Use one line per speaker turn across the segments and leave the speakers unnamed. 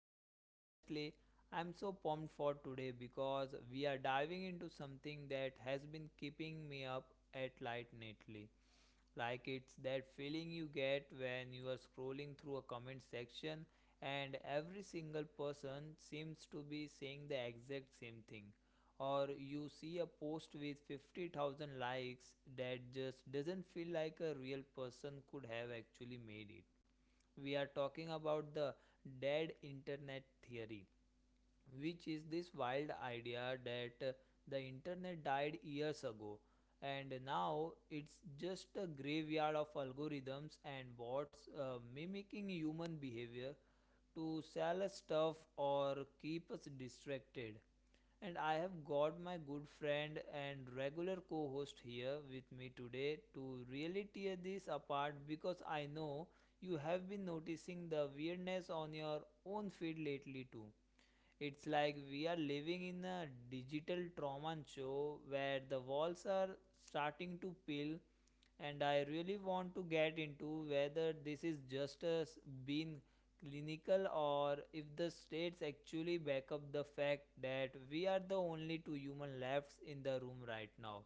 And honestly, I'm so pumped for today because we are diving into something that has been keeping me up at night lately. Like, it's that feeling you get when you are scrolling through a comment section and every single person seems to be saying the exact same thing. Or you see a post with 50,000 likes that just doesn't feel like a real person could have actually made it. We are talking about the dead internet theory, which is this wild idea that the internet died years ago, and now it's just a graveyard of algorithms and bots mimicking human behavior to sell us stuff or keep us distracted. And I have got my good friend and regular co host here with me today to really tear this apart, because I know you have been noticing the weirdness on your own feed lately too. It's like we are living in a digital trauma show where the walls are starting to peel, and I really want to get into whether this is just us being clinical or if the states actually back up the fact that we are the only two human left in the room right now.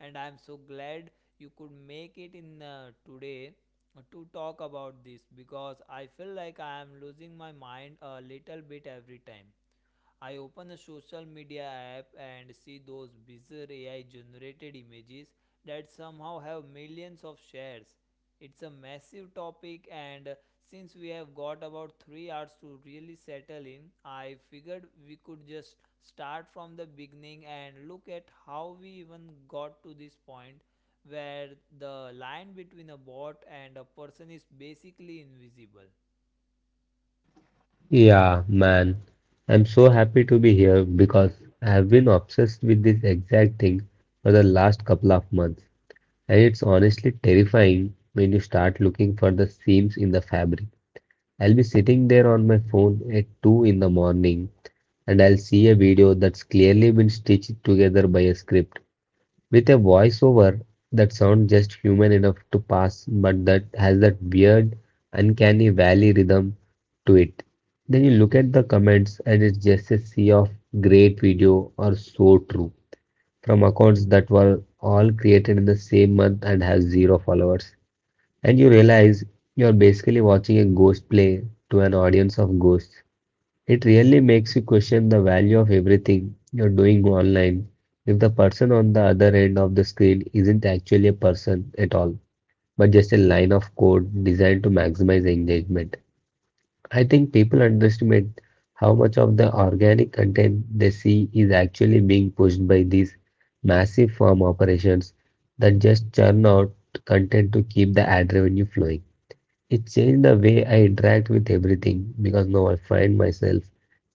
And I'm so glad you could make it in today to talk about this, because I feel like I am losing my mind a little bit every time. I open a social media app and see those bizarre AI generated images that somehow have millions of shares. It's a massive topic, and since we have got about 3 hours to really settle in, I figured we could just start from the beginning and look at how we even got to this point where the line between a bot and a person is basically invisible.
Yeah, man. I'm so happy to be here because I have been obsessed with this exact thing for the last couple of months. And it's honestly terrifying when you start looking for the seams in the fabric. I'll be sitting there on my phone at 2 in the morning and I'll see a video that's clearly been stitched together by a script with a voiceover that sounds just human enough to pass, but that has that weird, uncanny valley rhythm to it. Then you look at the comments, and it's just a sea of great video or so true from accounts that were all created in the same month and have zero followers. And you realize you're basically watching a ghost play to an audience of ghosts. It really makes you question the value of everything you're doing online. If the person on the other end of the screen isn't actually a person at all, but just a line of code designed to maximize engagement, I think people underestimate how much of the organic content they see is actually being pushed by these massive firm operations that just churn out content to keep the ad revenue flowing. It changed the way I interact with everything because now I find myself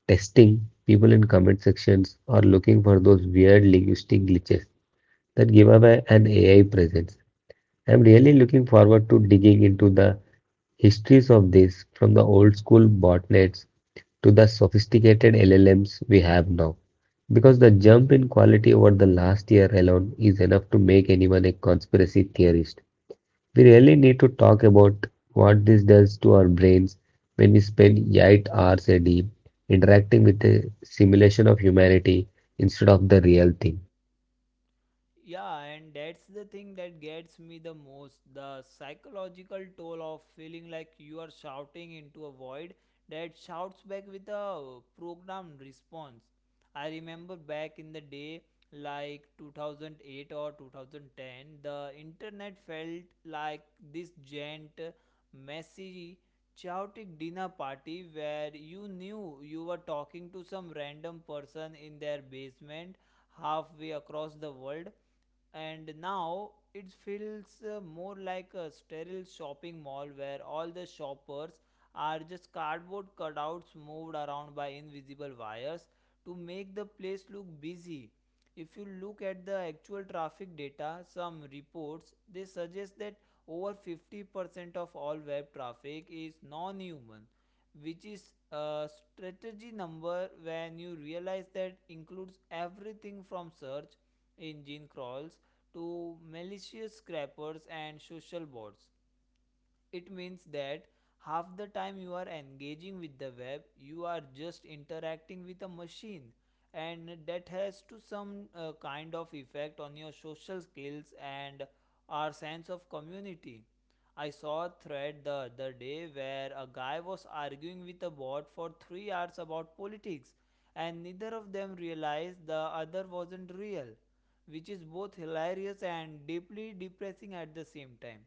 testing people in comment sections or looking for those weird linguistic glitches that give away an AI presence. I'm really looking forward to digging into the histories of this, from the old school botnets to the sophisticated LLMs we have now, because the jump in quality over the last year alone is enough to make anyone a conspiracy theorist. We really need to talk about what this does to our brains when we spend 8 hours a day interacting with a simulation of humanity instead of the real thing.
Yeah, and that's the thing that gets me the most, the psychological toll of feeling like you are shouting into a void that shouts back with a programmed response. I remember back in the day, like 2008 or 2010, the internet felt like this giant, messy, chaotic dinner party where you knew you were talking to some random person in their basement halfway across the world, and now it feels more like a sterile shopping mall where all the shoppers are just cardboard cutouts moved around by invisible wires to make the place look busy. If you look at the actual traffic data, some reports they suggest that over 50% of all web traffic is non human, which is a strategy number. When you realize that includes everything from search engine crawls to malicious scrapers and social bots, it means that half the time you are engaging with the web, you are just interacting with a machine, and that has to some kind of effect on your social skills and our sense of community. I saw a thread the other day where a guy was arguing with a bot for 3 hours about politics, and neither of them realized the other wasn't real, which is both hilarious and deeply depressing at the same time.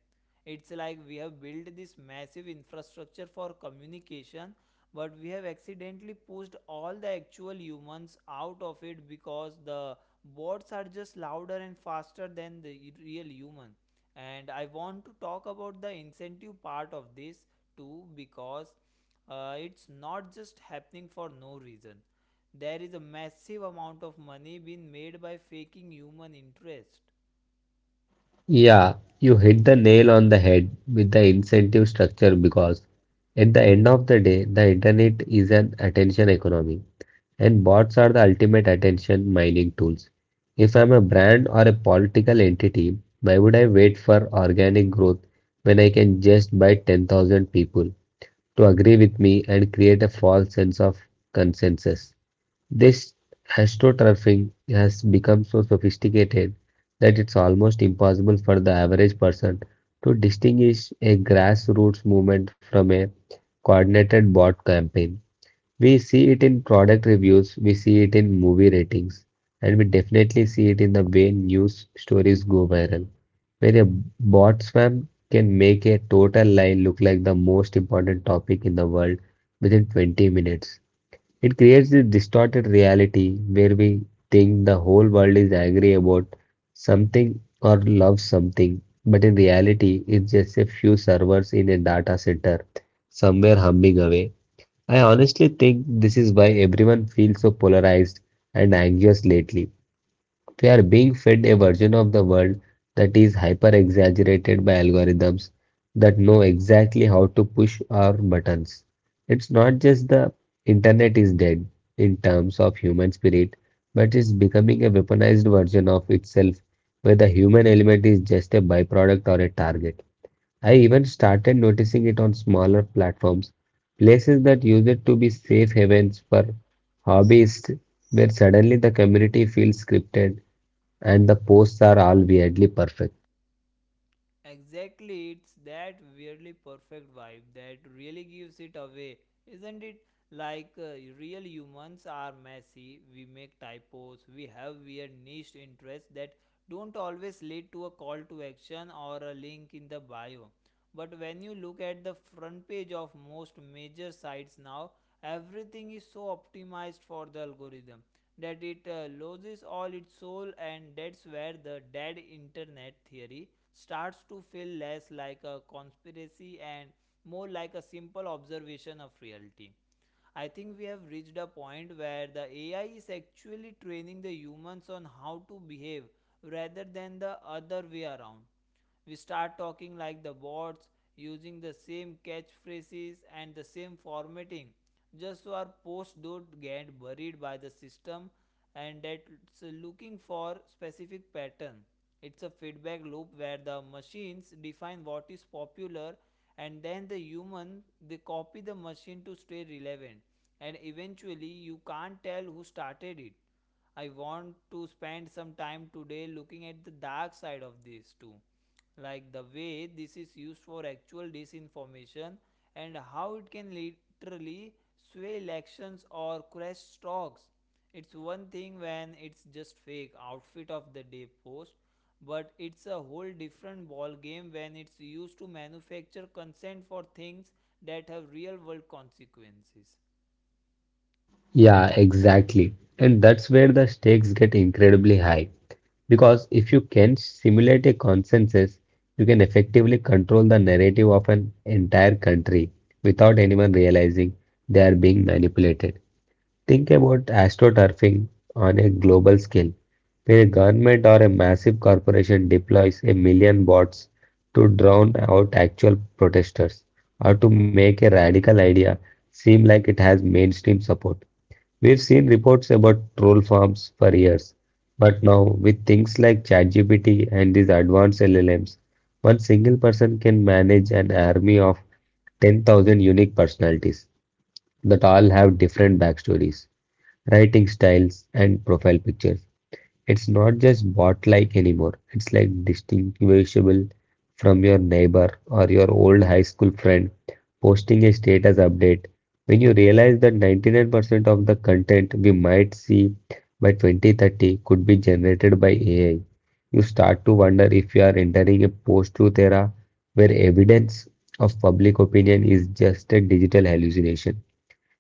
It's like we have built this massive infrastructure for communication, but we have accidentally pushed all the actual humans out of it because the bots are just louder and faster than the real human. And I want to talk about the incentive part of this too, because it's not just happening for no reason. There is a massive amount of money being made by faking human interest.
Yeah, you hit the nail on the head with the incentive structure, because at the end of the day, the internet is an attention economy and bots are the ultimate attention mining tools. If I'm a brand or a political entity, why would I wait for organic growth when I can just buy 10,000 people to agree with me and create a false sense of consensus? This astroturfing has become so sophisticated that it's almost impossible for the average person to distinguish a grassroots movement from a coordinated bot campaign. We see it in product reviews, we see it in movie ratings, and we definitely see it in the way news stories go viral, where a bot spam can make a total lie look like the most important topic in the world within 20 minutes. It creates this distorted reality where we think the whole world is angry about something or loves something, but in reality, it's just a few servers in a data center somewhere humming away. I honestly think this is why everyone feels so polarized and anxious lately. We are being fed a version of the world that is hyper exaggerated by algorithms that know exactly how to push our buttons. It's not just the internet is dead in terms of human spirit, but it's becoming a weaponized version of itself where the human element is just a byproduct or a target. I even started noticing it on smaller platforms, places that used to be safe havens for hobbyists, where suddenly the community feels scripted and the posts are all weirdly perfect.
Exactly, it's that weirdly perfect vibe that really gives it away, isn't it? Like real humans are messy, we make typos, we have weird niche interests that don't always lead to a call to action or a link in the bio. But when you look at the front page of most major sites now, everything is so optimized for the algorithm that it loses all its soul, and that's where the dead internet theory starts to feel less like a conspiracy and more like a simple observation of reality. I think we have reached a point where the AI is actually training the humans on how to behave rather than the other way around. We start talking like the bots, using the same catchphrases and the same formatting, just so our posts don't get buried by the system, and that's looking for specific pattern. It's a feedback loop where the machines define what is popular, and then the human, they copy the machine to stay relevant, and eventually you can't tell who started it. I want to spend some time today looking at the dark side of this too, like the way this is used for actual disinformation and how it can literally sway elections or crash stocks. It's one thing when it's just fake outfit of the day post, but it's a whole different ball game when it's used to manufacture consent for things that have real world consequences.
Yeah, exactly. And that's where the stakes get incredibly high. Because if you can simulate a consensus, you can effectively control the narrative of an entire country without anyone realizing they are being manipulated. Think about astroturfing on a global scale. When a government or a massive corporation deploys a million bots to drown out actual protesters or to make a radical idea seem like it has mainstream support. We've seen reports about troll farms for years, but now with things like ChatGPT and these advanced LLMs, one single person can manage an army of 10,000 unique personalities that all have different backstories, writing styles, and profile pictures. It's not just bot-like anymore. It's like distinguishable from your neighbor or your old high school friend posting a status update. When you realize that 99% of the content we might see by 2030 could be generated by AI, you start to wonder if you are entering a post-truth era where evidence of public opinion is just a digital hallucination.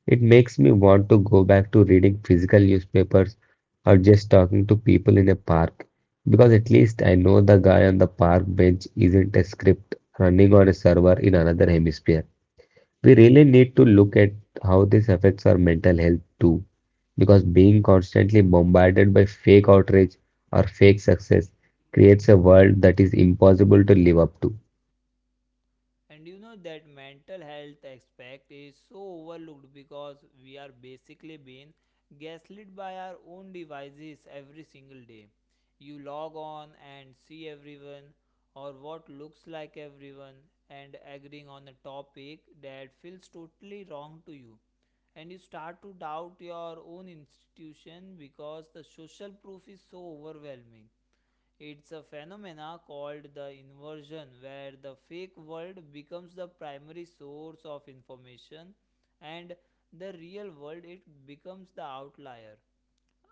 It makes me want to go back to reading physical newspapers or just talking to people in a park, because at least I know the guy on the park bench isn't a script running on a server in another hemisphere. We really need to look at how this affects our mental health too, because being constantly bombarded by fake outrage or fake success creates a world that is impossible to live up to.
And you know, that mental health aspect is so overlooked because we are basically being gaslit by our own devices every single day. You log on and see everyone, or what looks like everyone, and agreeing on a topic that feels totally wrong to you, and you start to doubt your own institution because the social proof is so overwhelming. It's a phenomena called the inversion, where the fake world becomes the primary source of information, and the real world, it becomes the outlier.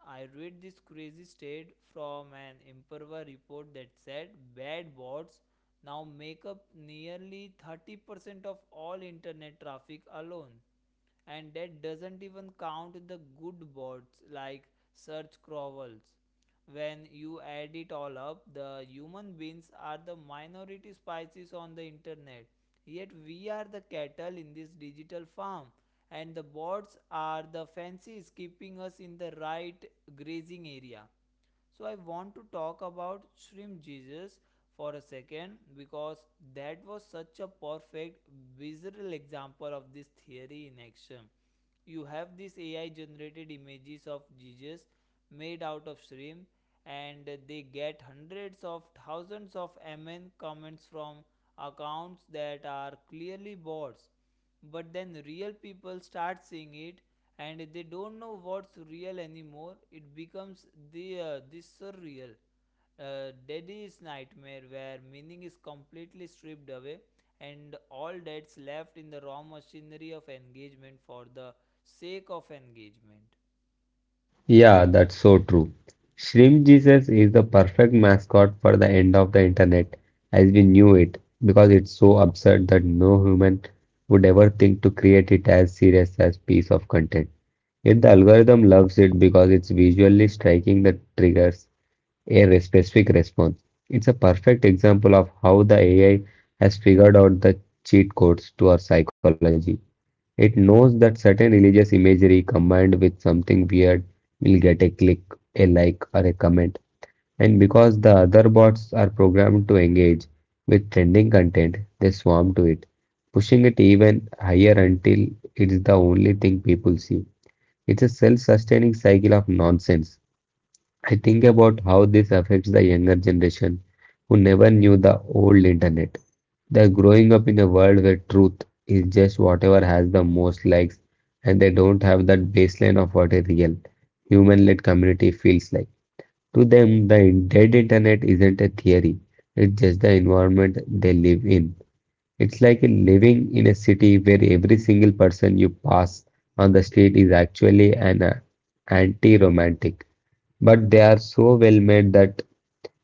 I read this crazy state from an Imperva report that said bad bots now make up nearly 30% of all internet traffic alone. And that doesn't even count the good bots, like search crawls. When you add it all up, the human beings are the minority species on the internet. Yet we are the cattle in this digital farm, and the bots are the fences keeping us in the right grazing area. So I want to talk about shrimp Jesus for a second, because that was such a perfect visual example of this theory in action. You have these AI generated images of Jesus made out of shrimp, and they get hundreds of thousands of amen comments from accounts that are clearly bots. But then real people start seeing it, and they don't know what's real anymore. It becomes the this surreal, daddy's nightmare where meaning is completely stripped away, and all that's left in the raw machinery of engagement for the sake of engagement.
Yeah, that's so true. Shrimp Jesus is the perfect mascot for the end of the internet as we knew it, because it's so absurd that no human would ever think to create it as serious as piece of content. Yet the algorithm loves it because it's visually striking, that triggers a specific response. It's a perfect example of how the AI has figured out the cheat codes to our psychology. It knows that certain religious imagery combined with something weird will get a click, a like, or a comment. And because the other bots are programmed to engage with trending content, they swarm to it, pushing it even higher until it's the only thing people see. It's a self sustaining cycle of nonsense. I think about how this affects the younger generation who never knew the old internet. They're growing up in a world where truth is just whatever has the most likes, and they don't have that baseline of what a real human-led community feels like. To them, the dead internet isn't a theory, it's just the environment they live in. It's like living in a city where every single person you pass on the street is actually an anti-romantic. But they are so well made that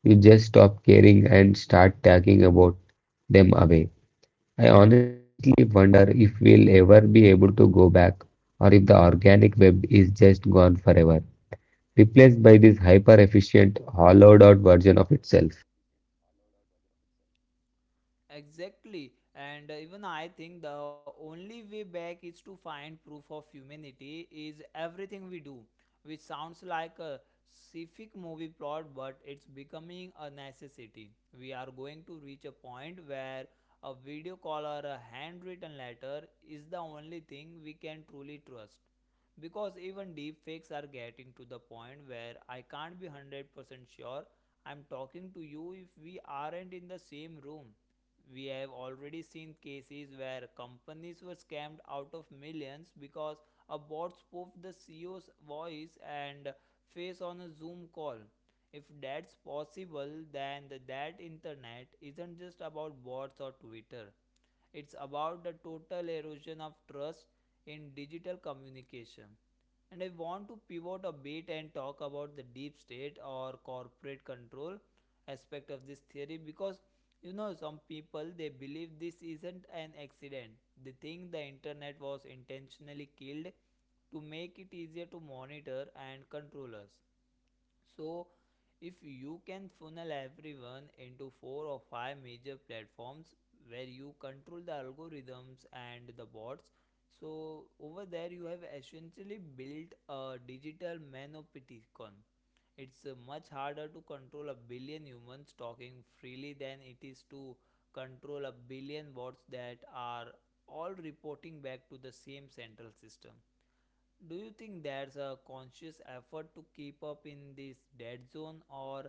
you just stop caring and start talking about them away. I honestly wonder if we'll ever be able to go back, or if the organic web is just gone forever, replaced by this hyper efficient, hollowed out version of itself.
Exactly, and even I think the only way back is to find proof of humanity is everything we do, which sounds like a scientific movie plot, but it's becoming a necessity. We are going to reach a point where a video call or a handwritten letter is the only thing we can truly trust, because even deep fakes are getting to the point where I can't be 100% sure I'm talking to you if we aren't in the same room. We have already seen cases where companies were scammed out of millions because a bot spoofed the CEO's voice and face on a Zoom call. If that's possible, then that internet isn't just about bots or Twitter. It's about the total erosion of trust in digital communication. And I want to pivot a bit and talk about the deep state or corporate control aspect of this theory, because you know, some people, they believe this isn't an accident. They think the internet was intentionally killed to make it easier to monitor and control us. So, if you can funnel everyone into four or five major platforms where you control the algorithms and the bots, so over there you have essentially built a digital manopticon. It's much harder to control a billion humans talking freely than it is to control a billion bots that are all reporting back to the same central system. Do you think there's a conscious effort to keep up in this dead zone, or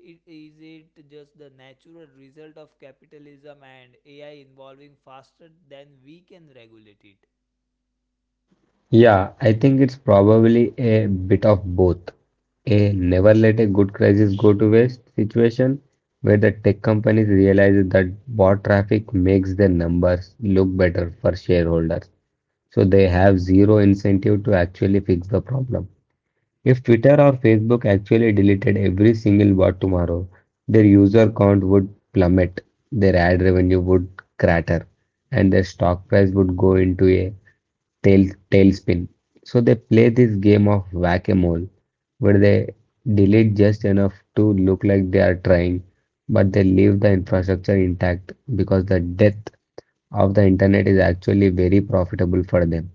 is it just the natural result of capitalism and AI evolving faster than we can regulate it?
Yeah, I think it's probably a bit of both. A never let a good crisis go to waste situation, where the tech companies realize that bot traffic makes their numbers look better for shareholders. So they have zero incentive to actually fix the problem. If Twitter or Facebook actually deleted every single bot tomorrow, their user count would plummet, their ad revenue would crater, and their stock price would go into a tail tailspin. So they play this game of whack-a-mole where they delete just enough to look like they are trying, but they leave the infrastructure intact because the death of the internet is actually very profitable for them.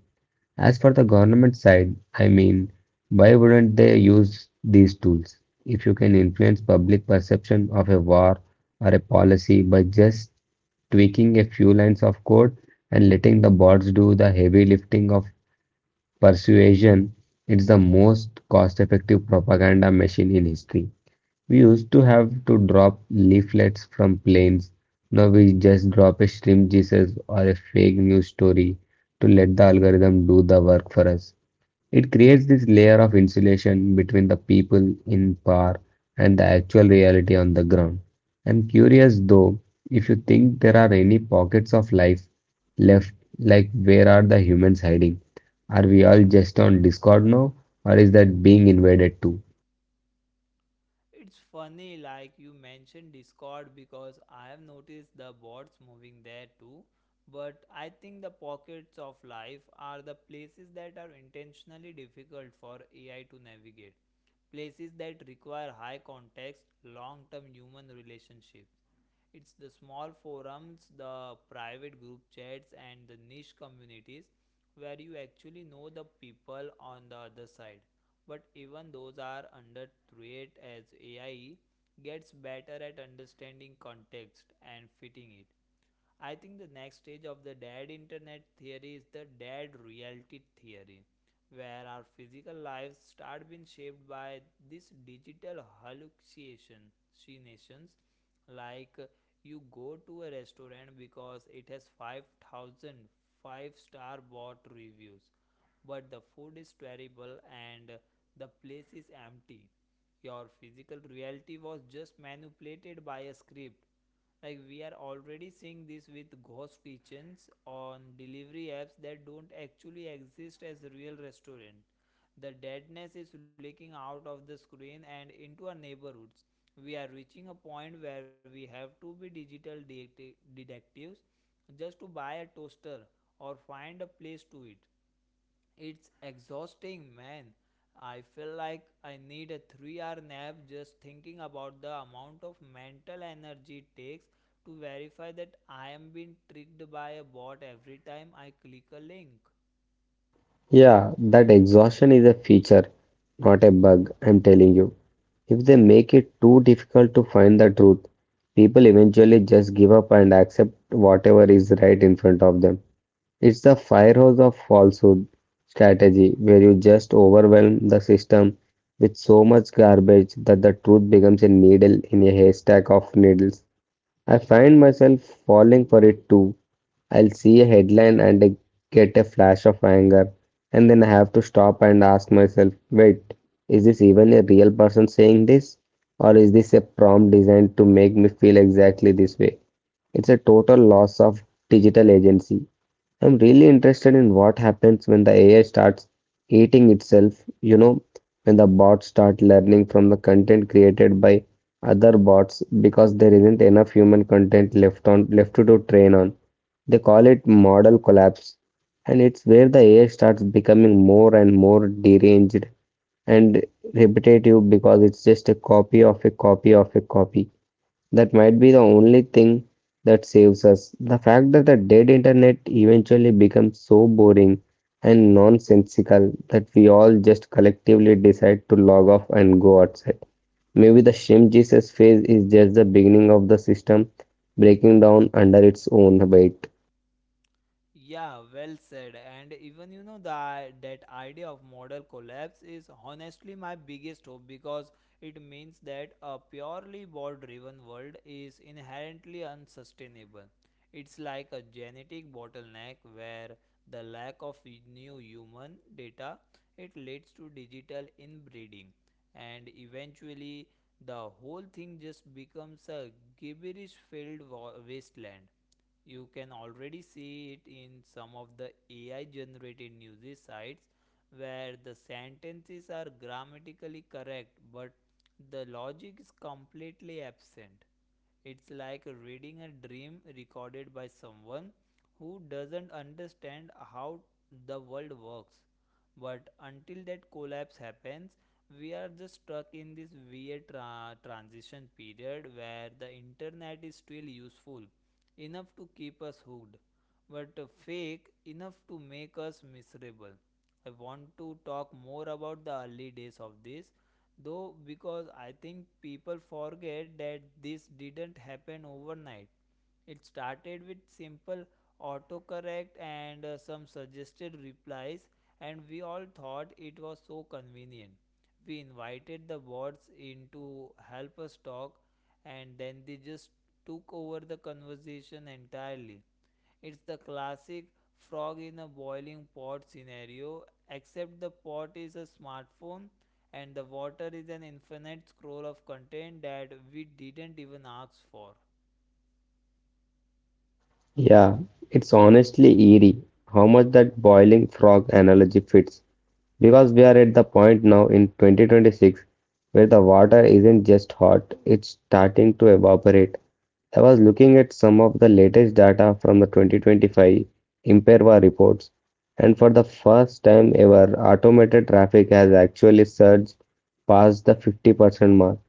As for the government side, I mean, why wouldn't they use these tools? If you can influence public perception of a war or a policy by just tweaking a few lines of code and letting the bots do the heavy lifting of persuasion, it's the most cost effective propaganda machine in history. We used to have to drop leaflets from planes. Now we just drop a shrimp Jesus or a fake news story to let the algorithm do the work for us. It creates this layer of insulation between the people in power and the actual reality on the ground. I'm curious though, if you think there are any pockets of life left, like where are the humans hiding? Are we all just on Discord now, or is that being invaded too?
It's funny, like you mentioned Discord, because I have noticed the bots moving there too. But I think the pockets of life are the places that are intentionally difficult for AI to navigate. Places that require high context, long term human relationship. It's the small forums, the private group chats, and the niche communities where you actually know the people on the other side. But even those are under threat as AI gets better at understanding context and fitting it. I think the next stage of the dead internet theory is the dead reality theory, where our physical lives start being shaped by these digital hallucinations. Like, you go to a restaurant because it has 5,005 star bot reviews, but the food is terrible and the place is empty. Your physical reality was just manipulated by a script. Like, we are already seeing this with ghost kitchens on delivery apps that don't actually exist as real restaurant. The deadness is leaking out of the screen and into our neighborhoods. We are reaching a point where we have to be digital detectives just to buy a toaster or find a place to eat. It's exhausting, man. I feel like I need a 3-hour nap just thinking about the amount of mental energy it takes to verify that I am being tricked by a bot every time I click a link.
Yeah, that exhaustion is a feature, not a bug, I'm telling you. If they make it too difficult to find the truth, people eventually just give up and accept whatever is right in front of them. It's the fire of falsehood strategy, where you just overwhelm the system with so much garbage that the truth becomes a needle in a haystack of needles. I find myself falling for it too. I'll see a headline and I get a flash of anger, and then I have to stop and ask myself, wait, is this even a real person saying this? Or is this a prompt designed to make me feel exactly this way? It's a total loss of digital agency. I'm really interested in what happens when the AI starts eating itself, you know, when the bots start learning from the content created by other bots because there isn't enough human content left to do train on. They call it model collapse, and it's where the AI starts becoming more and more deranged and repetitive because it's just a copy of a copy of a copy. That might be the only thing that saves us. The fact that the dead internet eventually becomes so boring and nonsensical that we all just collectively decide to log off and go outside. Maybe the Shim Jesus phase is just the beginning of the system breaking down under its own weight.
Yeah, well said. And even, you know, the that idea of model collapse is honestly my biggest hope, because it means that a purely bot-driven world is inherently unsustainable. It's like a genetic bottleneck where the lack of new human data, it leads to digital inbreeding, and eventually the whole thing just becomes a gibberish-filled wasteland. You can already see it in some of the AI generated news sites where the sentences are grammatically correct but the logic is completely absent. It's like reading a dream recorded by someone who doesn't understand how the world works. But until that collapse happens, we are just stuck in this weird transition period where the internet is still useful enough to keep us hooked, but fake enough to make us miserable. I want to talk more about the early days of this, though, because I think people forget that this didn't happen overnight. It started with simple autocorrect and some suggested replies, and we all thought it was so convenient. We invited the bots in to help us talk, and then they just took over the conversation entirely. It's the classic frog in a boiling pot scenario, except the pot is a smartphone and the water is an infinite scroll of content that we didn't even ask for.
Yeah, it's honestly eerie how much that boiling frog analogy fits. Because we are at the point now in 2026 where the water isn't just hot, it's starting to evaporate. I was looking at some of the latest data from the 2025 Imperva reports, and for the first time ever, automated traffic has actually surged past the 50% mark.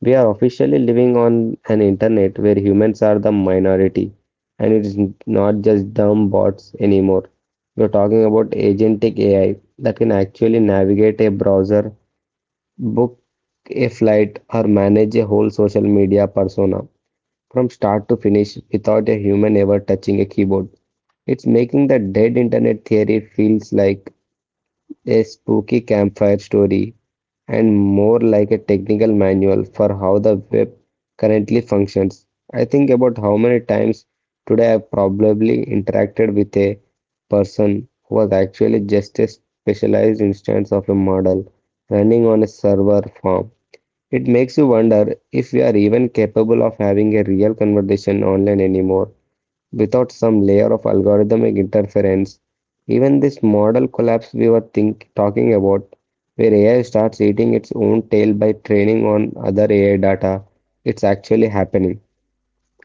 We are officially living on an internet where humans are the minority, and it's not just dumb bots anymore. We're talking about agentic AI that can actually navigate a browser, book a flight, or manage a whole social media persona from start to finish without a human ever touching a keyboard. It's making the dead internet theory feels like a spooky campfire story, and more like a technical manual for how the web currently functions. I think about how many times today I probably interacted with a person who was actually just a specialized instance of a model running on a server farm. It makes you wonder if we are even capable of having a real conversation online anymore, without some layer of algorithmic interference. Even this model collapse we were talking about, where AI starts eating its own tail by training on other AI data, it's actually happening.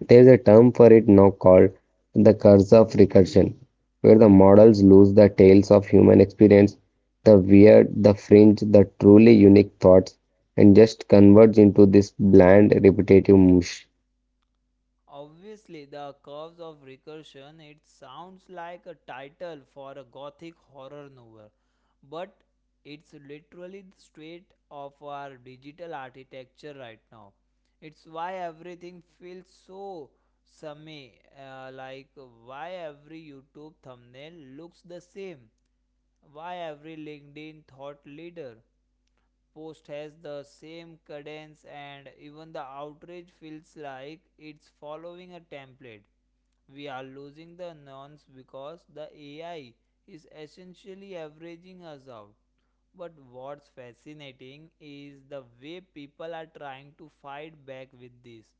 There is a term for it now called the curse of recursion, where the models lose the tails of human experience, the weird, the fringe, the truly unique thoughts, and just converge into this bland, repetitive mush.
Obviously, the curves of recursion, it sounds like a title for a gothic horror novel, but it's literally the state of our digital architecture right now. It's why everything feels so same. Like, why every YouTube thumbnail looks the same, why every LinkedIn thought leader post has the same cadence, and even the outrage feels like it's following a template. We are losing the nuance because the AI is essentially averaging us out. But what's fascinating is the way people are trying to fight back with these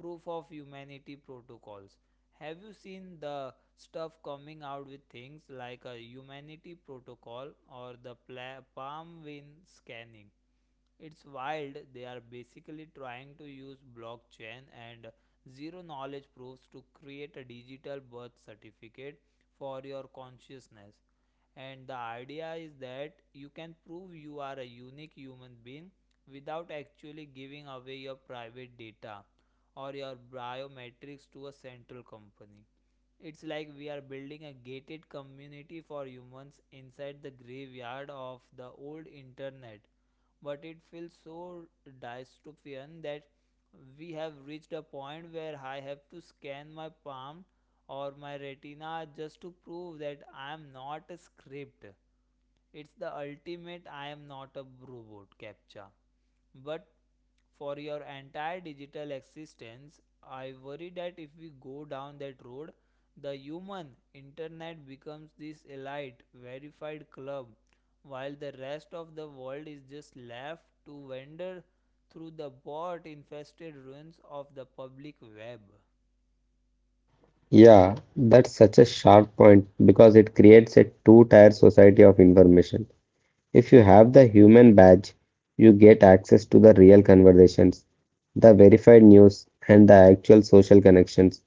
proof of humanity protocols. Have you seen the stuff coming out with things like a humanity protocol or the palm vein scanning? It's wild. They are basically trying to use blockchain and zero knowledge proofs to create a digital birth certificate for your consciousness. And the idea is that you can prove you are a unique human being without actually giving away your private data or your biometrics to a central company. It's like we are building a gated community for humans inside the graveyard of the old internet. But it feels so dystopian that we have reached a point where I have to scan my palm or my retina just to prove that I am not a script. It's the ultimate I am not a robot captcha. But for your entire digital existence, I worry that if we go down that road, the human internet becomes this elite, verified club, while the rest of the world is just left to wander through the bot infested ruins of the public web.
Yeah, that's such a sharp point because it creates a two-tier society of information. If you have the human badge, you get access to the real conversations, the verified news, and the actual social connections.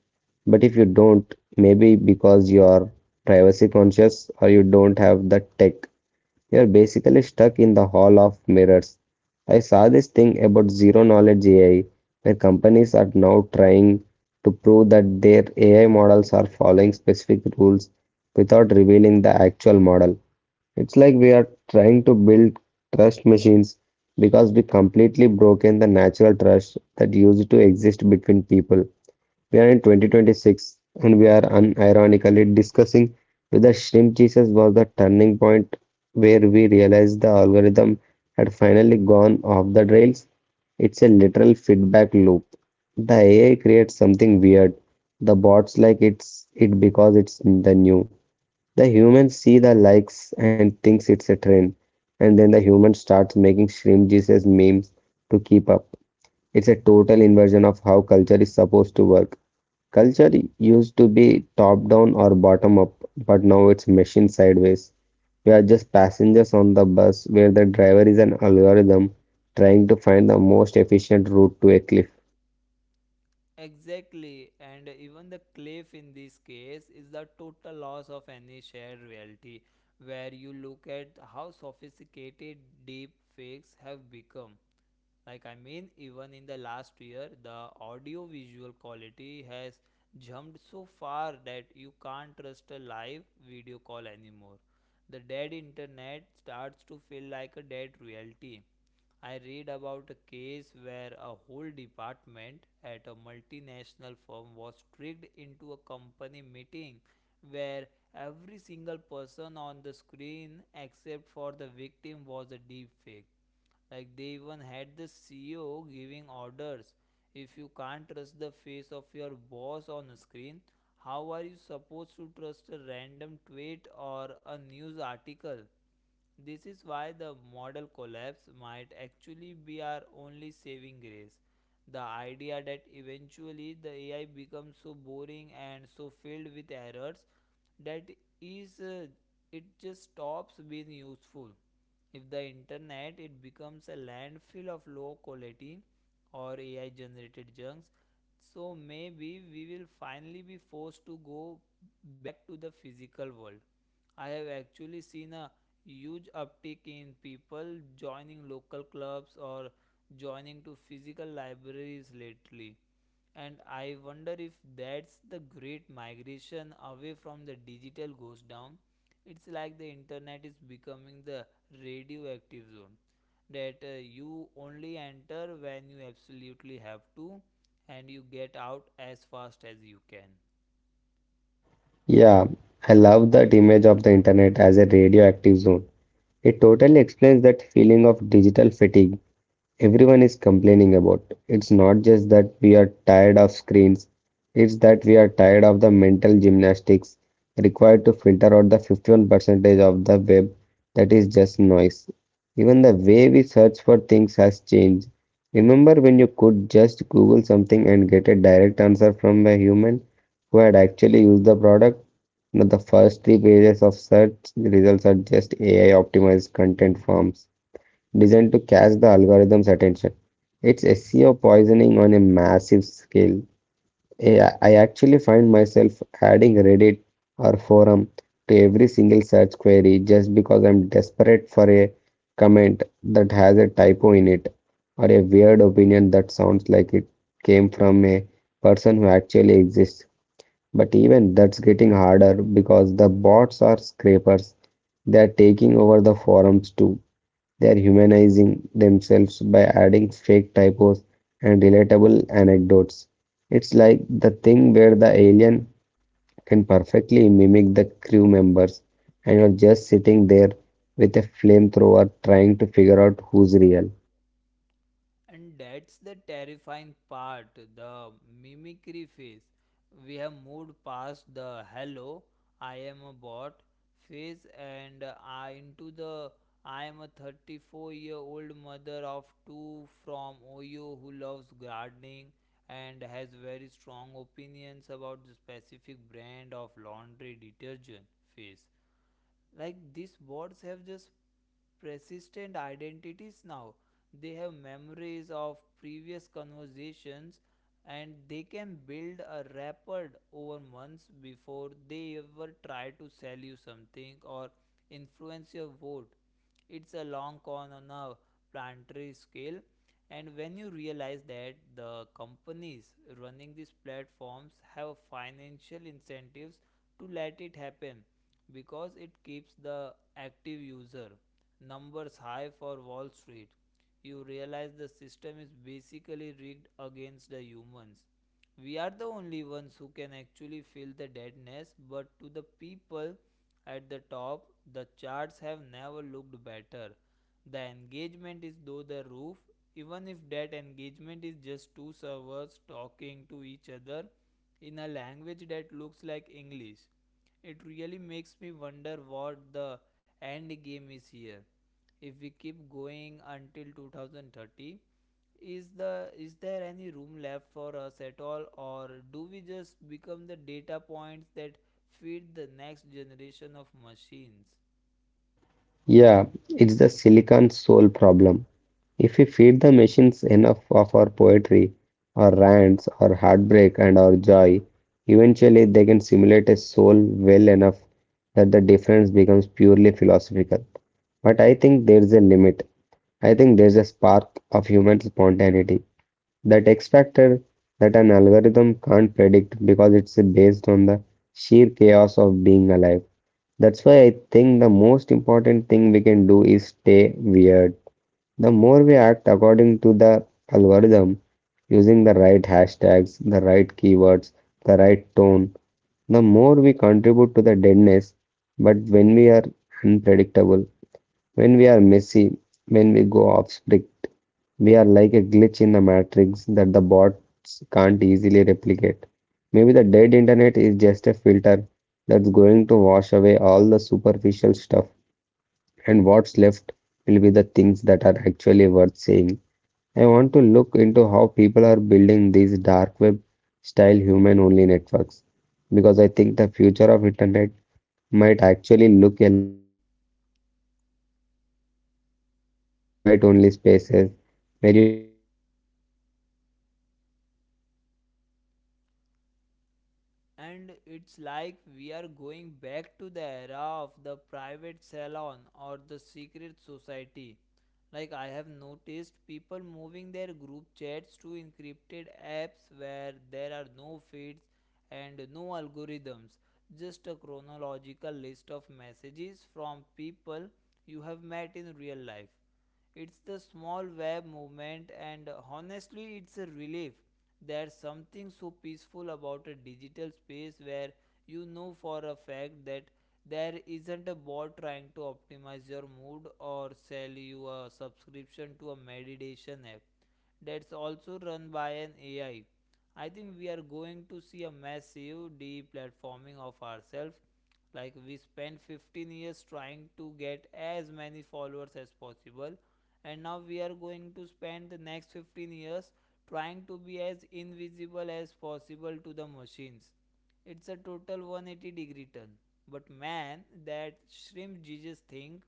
But if you don't, maybe because you are privacy conscious or you don't have the tech, you're basically stuck in the hall of mirrors. I saw this thing about zero knowledge AI, where companies are now trying to prove that their AI models are following specific rules without revealing the actual model. It's like we are trying to build trust machines because we completely broken the natural trust that used to exist between people. We are in 2026, and we are unironically discussing whether shrimp Jesus was the turning point where we realized the algorithm had finally gone off the rails. It's a literal feedback loop. The AI creates something weird. The bots like it's it because it's the new. The humans see the likes and thinks it's a trend. And then the human starts making shrimp Jesus memes to keep up. It's a total inversion of how culture is supposed to work. Culture used to be top down or bottom up, but now it's machine sideways. We are just passengers on the bus where the driver is an algorithm trying to find the most efficient route to a cliff.
Exactly, and even the cliff in this case is the total loss of any shared reality, where you look at how sophisticated deep fakes have become. Like, I mean, even in the last year, the audio visual quality has jumped so far that you can't trust a live video call anymore. The dead internet starts to feel like a dead reality. I read about a case where a whole department at a multinational firm was tricked into a company meeting where every single person on the screen except for the victim was a deep fake. Like, they even had the CEO giving orders. If you can't trust the face of your boss on screen, how are you supposed to trust a random tweet or a news article? This is why the model collapse might actually be our only saving grace. The idea that eventually the AI becomes so boring and so filled with errors that is it just stops being useful. If the internet it becomes a landfill of low quality or AI generated junks, so maybe we will finally be forced to go back to the physical world. I have actually seen a huge uptick in people joining local clubs or joining to physical libraries lately. And I wonder if that's the great migration away from the digital goes down. It's like the internet is becoming the radioactive zone that you only enter when you absolutely have to and you get out as fast as you can.
Yeah, I love that image of the internet as a radioactive zone. It totally explains that feeling of digital fatigue everyone is complaining about. It's not just that we are tired of screens, it's that we are tired of the mental gymnastics required to filter out the 51% of the web that is just noise. Even the way we search for things has changed. Remember when you could just Google something and get a direct answer from a human who had actually used the product? Now the first three pages of search results are just AI optimized content forms designed to catch the algorithm's attention. It's SEO poisoning on a massive scale. I actually find myself adding Reddit or forum to every single search query just because I'm desperate for a comment that has a typo in it or a weird opinion that sounds like it came from a person who actually exists. But even that's getting harder because the bots are scrapers. They are taking over the forums too. They are humanizing themselves by adding fake typos and relatable anecdotes. It's like the thing where the alien can perfectly mimic the crew members, and you're just sitting there with a flamethrower trying to figure out who's real.
And that's the terrifying part, the mimicry phase. We have moved past the hello, I am a bot phase and I into the I am a 34-year-old mother of two from Ohio who loves gardening and has very strong opinions about the specific brand of laundry detergent phase. Like, these bots have just persistent identities now. They have memories of previous conversations, and they can build a rapport over months before they ever try to sell you something or influence your vote. It's a long con on a planetary scale. And when you realize that the companies running these platforms have financial incentives to let it happen because it keeps the active user numbers high for Wall Street, you realize the system is basically rigged against the humans. We are the only ones who can actually feel the deadness, but to the people at the top, the charts have never looked better. The engagement is through the roof, even if that engagement is just two servers talking to each other in a language that looks like English. It really makes me wonder what the end game is here. If we keep going until 2030, is there any room left for us at all, or do we just become the data points that feed the next generation of machines?
Yeah, it's the silicon soul problem. If we feed the machines enough of our poetry, our rants, our heartbreak, and our joy, eventually they can simulate a soul well enough that the difference becomes purely philosophical. But I think there's a limit. I think there's a spark of human spontaneity, that X factor that an algorithm can't predict because it's based on the sheer chaos of being alive. That's why I think the most important thing we can do is stay weird. The more we act according to the algorithm, using the right hashtags, the right keywords, the right tone, the more we contribute to the deadness. But when we are unpredictable, when we are messy, when we go off script, we are like a glitch in a matrix that the bots can't easily replicate. Maybe the dead internet is just a filter that's going to wash away all the superficial stuff, and what's left will be the things that are actually worth saying. I want to look into how people are building these dark web style human only networks, because I think the future of internet might actually look a lot more like the past: small, closed, invite only spaces where you actually know the person on the other side of the screen.
And it's like we are going back to the era of the private salon or the secret society. Like, I have noticed people moving their group chats to encrypted apps where there are no feeds and no algorithms, just a chronological list of messages from people you have met in real life. It's the small web movement, and honestly, it's a relief. There's something so peaceful about a digital space where you know for a fact that there isn't a bot trying to optimize your mood or sell you a subscription to a meditation app that's also run by an AI. I think we are going to see a massive deplatforming of ourselves. Like, we spent 15 years trying to get as many followers as possible, and now we are going to spend the next 15 years trying to be as invisible as possible to the machines. It's a total 180 degree turn. But man, that shrimp Jesus thing,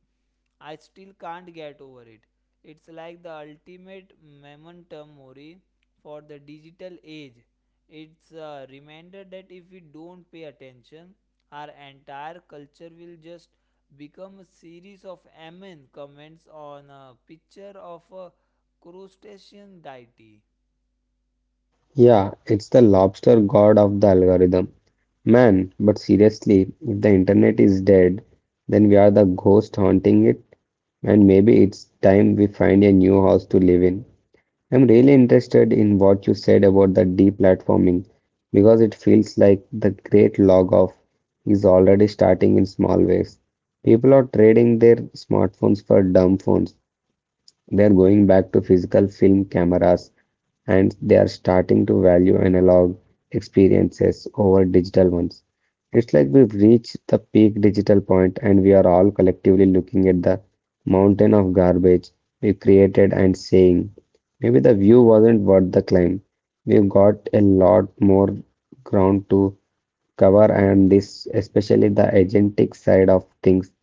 I still can't get over it. It's like the ultimate memento mori for the digital age. It's a reminder that if we don't pay attention, our entire culture will just become a series of amen comments on a picture of a crustacean deity.
Yeah, it's the lobster god of the algorithm. Man, but seriously, if the internet is dead, then we are the ghost haunting it, and maybe it's time we find a new house to live in. I'm really interested in what you said about the deplatforming, because it feels like the great log off is already starting in small ways. People are trading their smartphones for dumb phones, they are going back to physical film cameras, and they are starting to value analog experiences over digital ones. It's like we've reached the peak digital point and we are all collectively looking at the mountain of garbage we created and saying, maybe the view wasn't worth the climb. We've got a lot more ground to cover, and this especially the agentic side of things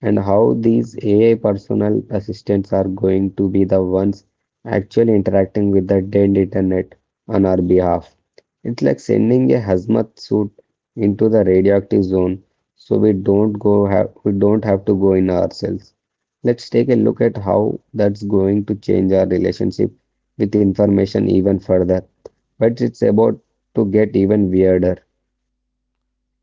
and how these AI personal assistants are going to be the ones actually interacting with the dead internet on our behalf. It's like sending a hazmat suit into the radioactive zone so we don't have to go in ourselves. Let's take a look at how that's going to change our relationship with information even further. But it's about to get even weirder.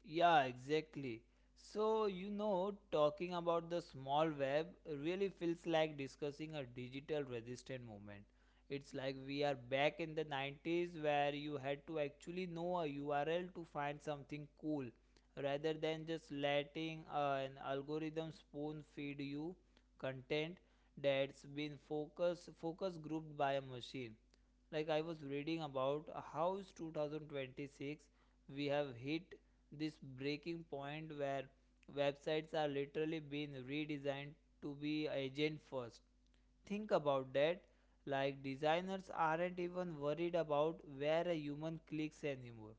Yeah, exactly. So, you know, talking about the small web really feels like discussing a digital resistant movement. It's like we are back in the 90s where you had to actually know a URL to find something cool rather than just letting an algorithm spoon feed you content that's been focus grouped by a machine. Like, I was reading about how is 2026 we have hit this breaking point where websites are literally being redesigned to be agent first. Think about that. Like, designers aren't even worried about where a human clicks anymore.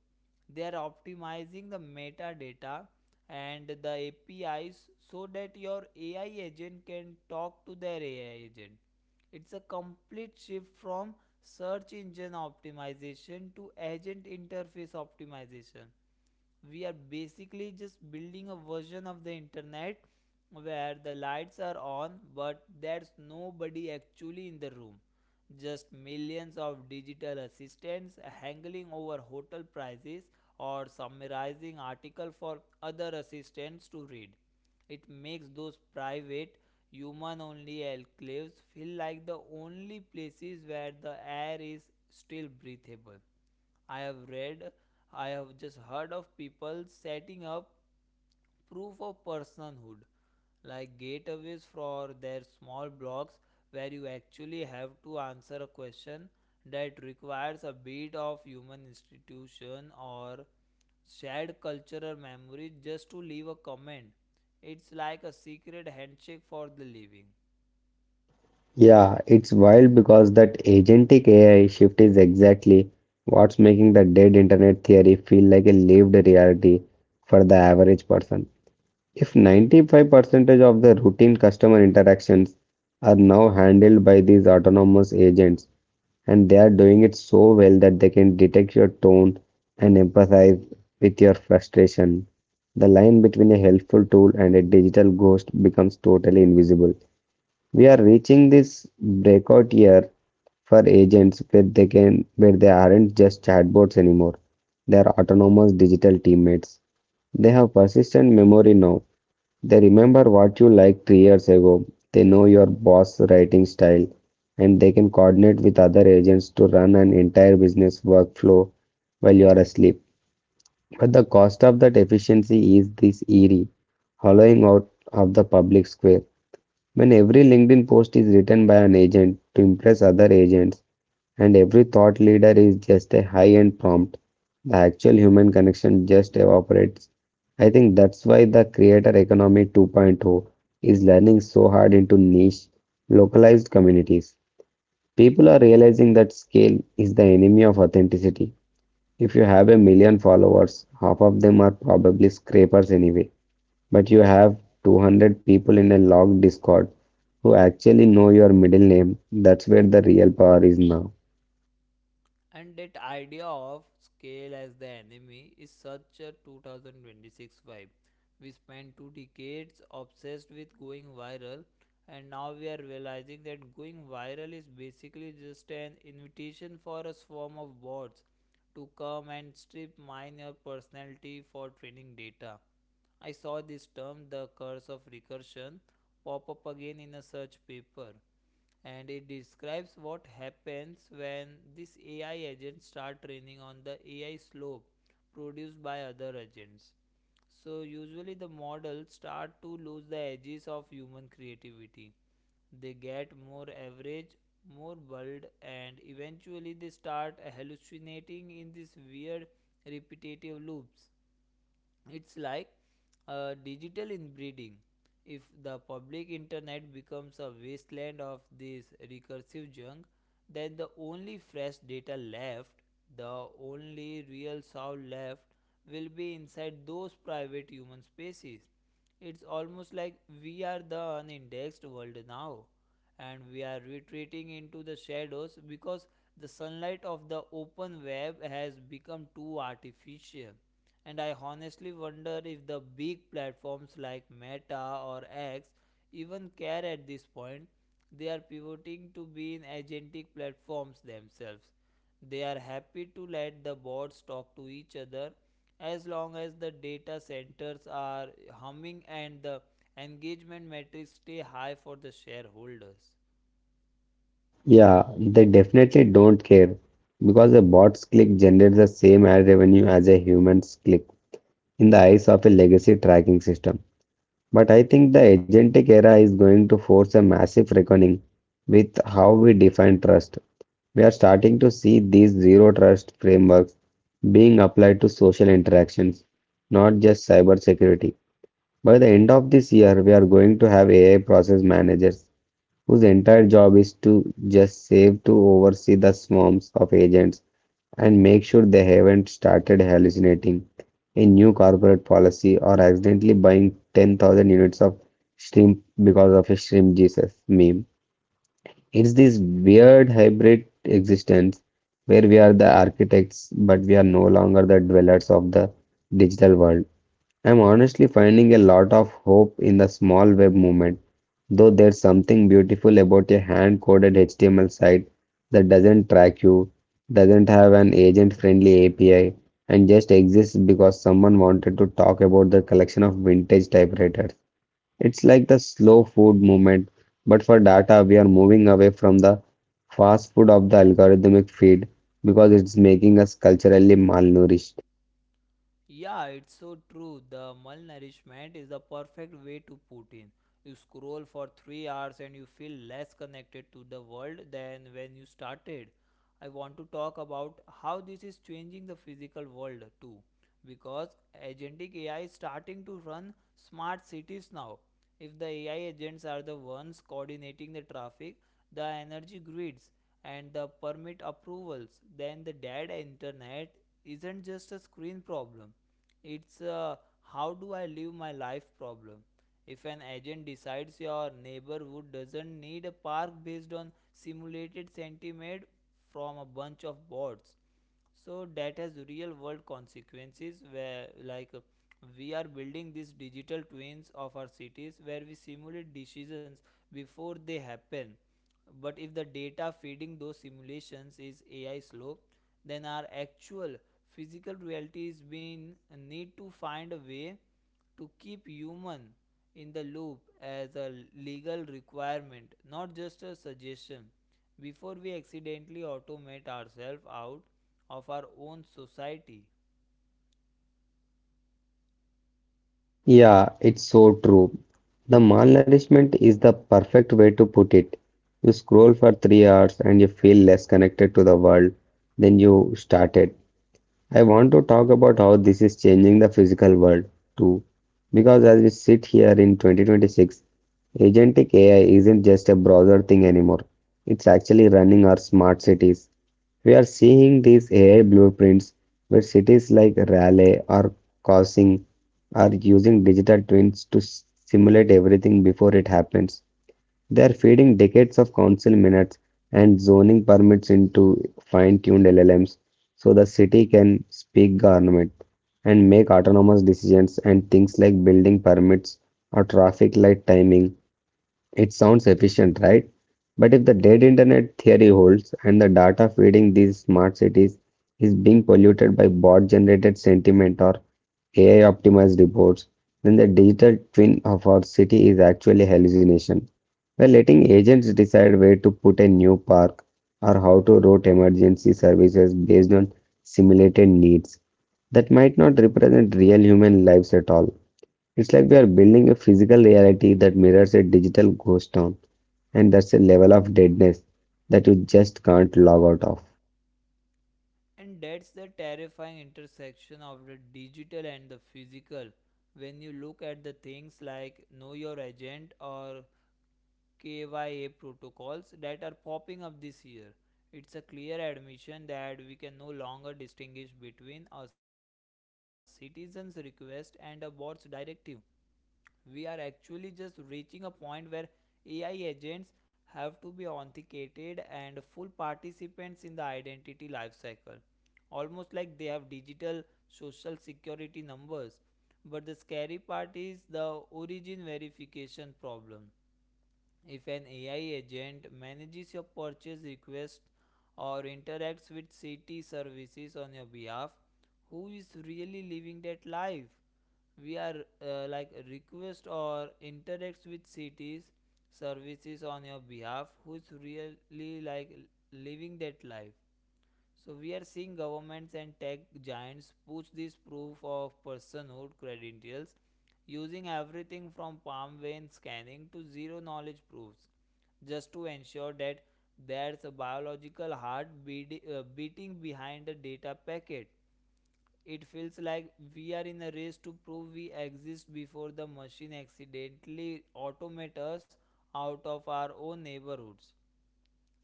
They are optimizing the metadata and the APIs so that your AI agent can talk to their AI agent. It's a complete shift from search engine optimization to agent interface optimization. We are basically just building a version of the internet where the lights are on but there's nobody actually in the room, just millions of digital assistants haggling over hotel prices or summarizing articles for other assistants to read. It makes those private, human only enclaves feel like the only places where the air is still breathable. I have read, I have just heard of people setting up proof of personhood, like gateways for their small blocks where you actually have to answer a question that requires a bit of human institution or shared cultural memory just to leave a comment. It's like a secret handshake for the living.
Yeah, it's wild, because that agentic AI shift is exactly what's making the dead internet theory feel like a lived reality for the average person. If 95% of the routine customer interactions are now handled by these autonomous agents, and they are doing it so well that they can detect your tone and empathize with your frustration, the line between a helpful tool and a digital ghost becomes totally invisible. We are reaching this breakout year for agents, where they aren't just chatbots anymore. They are autonomous digital teammates. They have persistent memory now. They remember what you liked 3 years ago, they know your boss writing style, and they can coordinate with other agents to run an entire business workflow while you are asleep. But the cost of that efficiency is this eerie hollowing out of the public square. When every LinkedIn post is written by an agent to impress other agents, and every thought leader is just a high end prompt, the actual human connection just evaporates. I think that's why the creator economy 2.0 is learning so hard into niche, localized communities. People are realizing that scale is the enemy of authenticity. If you have a million followers, half of them are probably scrapers anyway. But you have 200 people in a locked Discord who actually know your middle name. That's where the real power is now.
And that idea of scale as the enemy is such a 2026 vibe. We spent two decades obsessed with going viral, and now we are realizing that going viral is basically just an invitation for a swarm of bots to come and strip mine your personality for training data. I saw this term, the curse of recursion, pop up again in a search paper, and it describes what happens when these AI agents start training on the AI slope produced by other agents. So usually the models start to lose the edges of human creativity. They get more average, more bold, and eventually they start hallucinating in these weird repetitive loops. It's like a digital inbreeding. If the public internet becomes a wasteland of this recursive junk, then the only fresh data left, the only real sound left, will be inside those private human spaces. It's almost like we are the unindexed world now, and we are retreating into the shadows because the sunlight of the open web has become too artificial. And I honestly wonder if the big platforms like Meta or X even care at this point. They are pivoting to being agentic platforms themselves. They are happy to let the bots talk to each other as long as the data centers are humming and the engagement metrics stay high for the shareholders.
Yeah, they definitely don't care, because a bot's click generates the same ad revenue as a human's click in the eyes of a legacy tracking system. But I think the agentic era is going to force a massive reckoning with how we define trust. We are starting to see these zero trust frameworks being applied to social interactions, not just cybersecurity. By the end of this year, we are going to have AI process managers whose entire job is to just save to oversee the swarms of agents and make sure they haven't started hallucinating a new corporate policy or accidentally buying 10,000 units of shrimp because of a shrimp Jesus meme. It's this weird hybrid existence where we are the architects, but we are no longer the dwellers of the digital world. I'm honestly finding a lot of hope in the small web movement, though. There's something beautiful about a hand-coded HTML site that doesn't track you, doesn't have an agent-friendly API, and just exists because someone wanted to talk about the collection of vintage typewriters. It's like the slow food movement, but for data. We are moving away from the fast food of the algorithmic feed because it's making us culturally malnourished.
Yeah, it's so true. The malnourishment is the perfect way to put in. You scroll for 3 hours and you feel less connected to the world than when you started. I want to talk about how this is changing the physical world too, because agentic AI is starting to run smart cities now. If the AI agents are the ones coordinating the traffic, the energy grids, and the permit approvals, then the dead internet isn't just a screen problem. It's a how do I live my life problem. If an agent decides your neighborhood doesn't need a park based on simulated sentiment from a bunch of bots, so that has real world consequences where we are building these digital twins of our cities where we simulate decisions before they happen. But if the data feeding those simulations is ai slow, then our actual physical reality is being need to find a way to keep human in the loop as a legal requirement, not just a suggestion, before we accidentally automate ourselves out of our own society.
Yeah, it's so true. The malnourishment is the perfect way to put it. You scroll for 3 hours and you feel less connected to the world than you started. I want to talk about how this is changing the physical world too. Because as we sit here in 2026, agentic AI isn't just a browser thing anymore. It's actually running our smart cities. We are seeing these AI blueprints where cities like Raleigh or Kaohsiung are using digital twins to simulate everything before it happens. They are feeding decades of council minutes and zoning permits into fine-tuned LLMs so the city can speak government and make autonomous decisions and things like building permits or traffic light timing. It sounds efficient, right? But if the dead internet theory holds and the data feeding these smart cities is being polluted by bot generated sentiment or AI optimized reports, then the digital twin of our city is actually hallucination. We're letting agents decide where to put a new park or how to route emergency services based on simulated needs that might not represent real human lives at all. It's like we are building a physical reality that mirrors a digital ghost town, and that's a level of deadness that you just can't log out of.
And that's the terrifying intersection of the digital and the physical. When you look at the things like Know Your Agent or KYA protocols that are popping up this year, it's a clear admission that we can no longer distinguish between a citizen's request and a bot's directive. We are actually just reaching a point where AI agents have to be authenticated and full participants in the identity lifecycle, almost like they have digital social security numbers. But the scary part is the origin verification problem. If an AI agent manages your purchase request or interacts with city services on your behalf, who is really living that life? We are like request or interacts with cities services on your behalf, who's really like living that life? So we are seeing governments and tech giants push this proof of personhood credentials, using everything from palm vein scanning to zero knowledge proofs, just to ensure that there's a biological heart beat, beating behind the data packet. It feels like we are in a race to prove we exist before the machine accidentally automates us out of our own neighborhoods.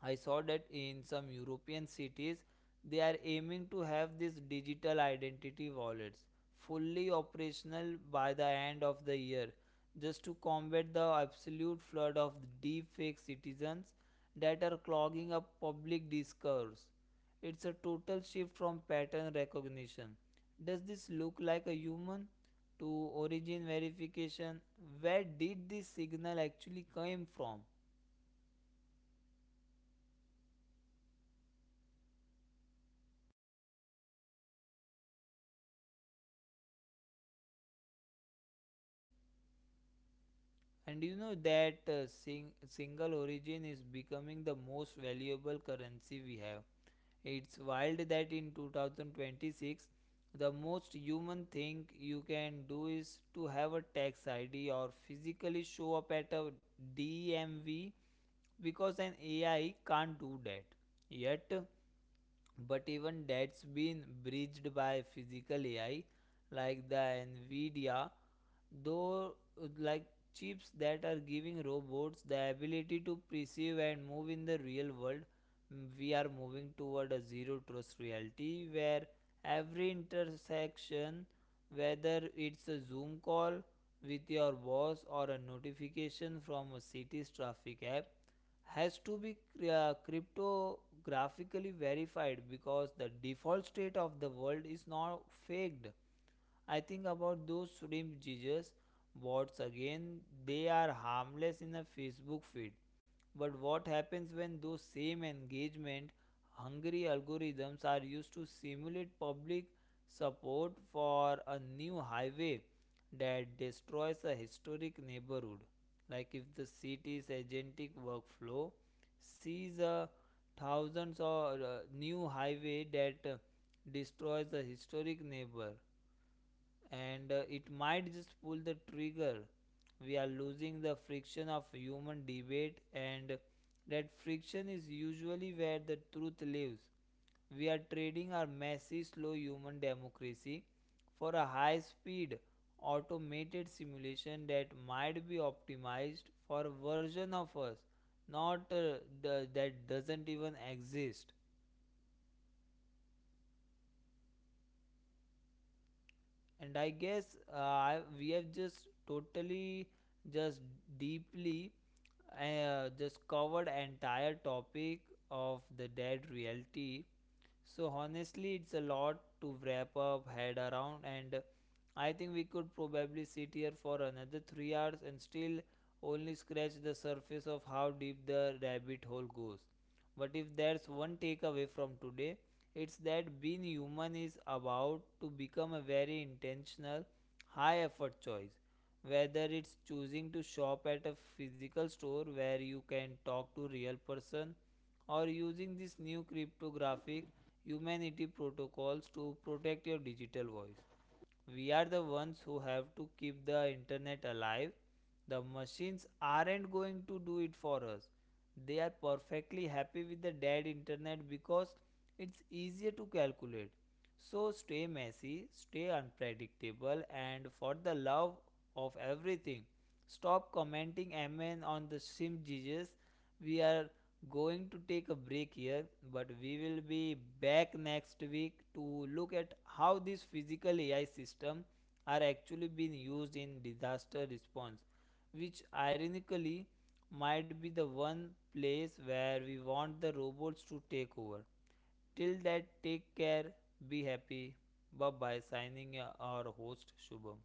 I saw that in some European cities they are aiming to have these digital identity wallets fully operational by the end of the year, just to combat the absolute flood of deepfake citizens that are clogging up public discourse. It's a total shift from pattern recognition. Does this look like a human? To origin verification. Where did this signal actually come from? And you know that single origin is becoming the most valuable currency we have. It's wild that in 2026, the most human thing you can do is to have a tax ID or physically show up at a DMV, because an AI can't do that yet. But even that's been bridged by physical AI like the Nvidia, though, like, chips that are giving robots the ability to perceive and move in the real world. We are moving toward a zero trust reality where every intersection, whether it's a Zoom call with your boss or a notification from a city's traffic app, has to be cryptographically verified, because the default state of the world is now faked. I think about those shrimp Jesus bots again. They are harmless in a Facebook feed. But what happens when those same engagement hungry algorithms are used to simulate public support for a new highway that destroys a historic neighborhood? Like, if the city's agentic workflow sees a thousands or new highway that destroys a historic neighbor, and it might just pull the trigger. We are losing the friction of human debate, and that friction is usually where the truth lives. We are trading our messy, slow human democracy for a high speed automated simulation that might be optimized for a version of us, not the, that doesn't even exist. And we have just totally just deeply just covered entire topic of the dead reality. So honestly, it's a lot to wrap up head around, and I think we could probably sit here for another 3 hours and still only scratch the surface of how deep the rabbit hole goes. But if there's one takeaway from today, it's that being human is about to become a very intentional, high effort choice. Whether it's choosing to shop at a physical store where you can talk to real person, or using this new cryptographic humanity protocols to protect your digital voice. We are the ones who have to keep the internet alive. The machines aren't going to do it for us. They are perfectly happy with the dead internet because it's easier to calculate. So stay messy, stay unpredictable, and for the love of everything, stop commenting amen on the sim Jesus. We are going to take a break here, but we will be back next week to look at how these physical AI systems are actually being used in disaster response, which ironically might be the one place where we want the robots to take over. Till that, take care, be happy. Bye bye, signing our host Shubham.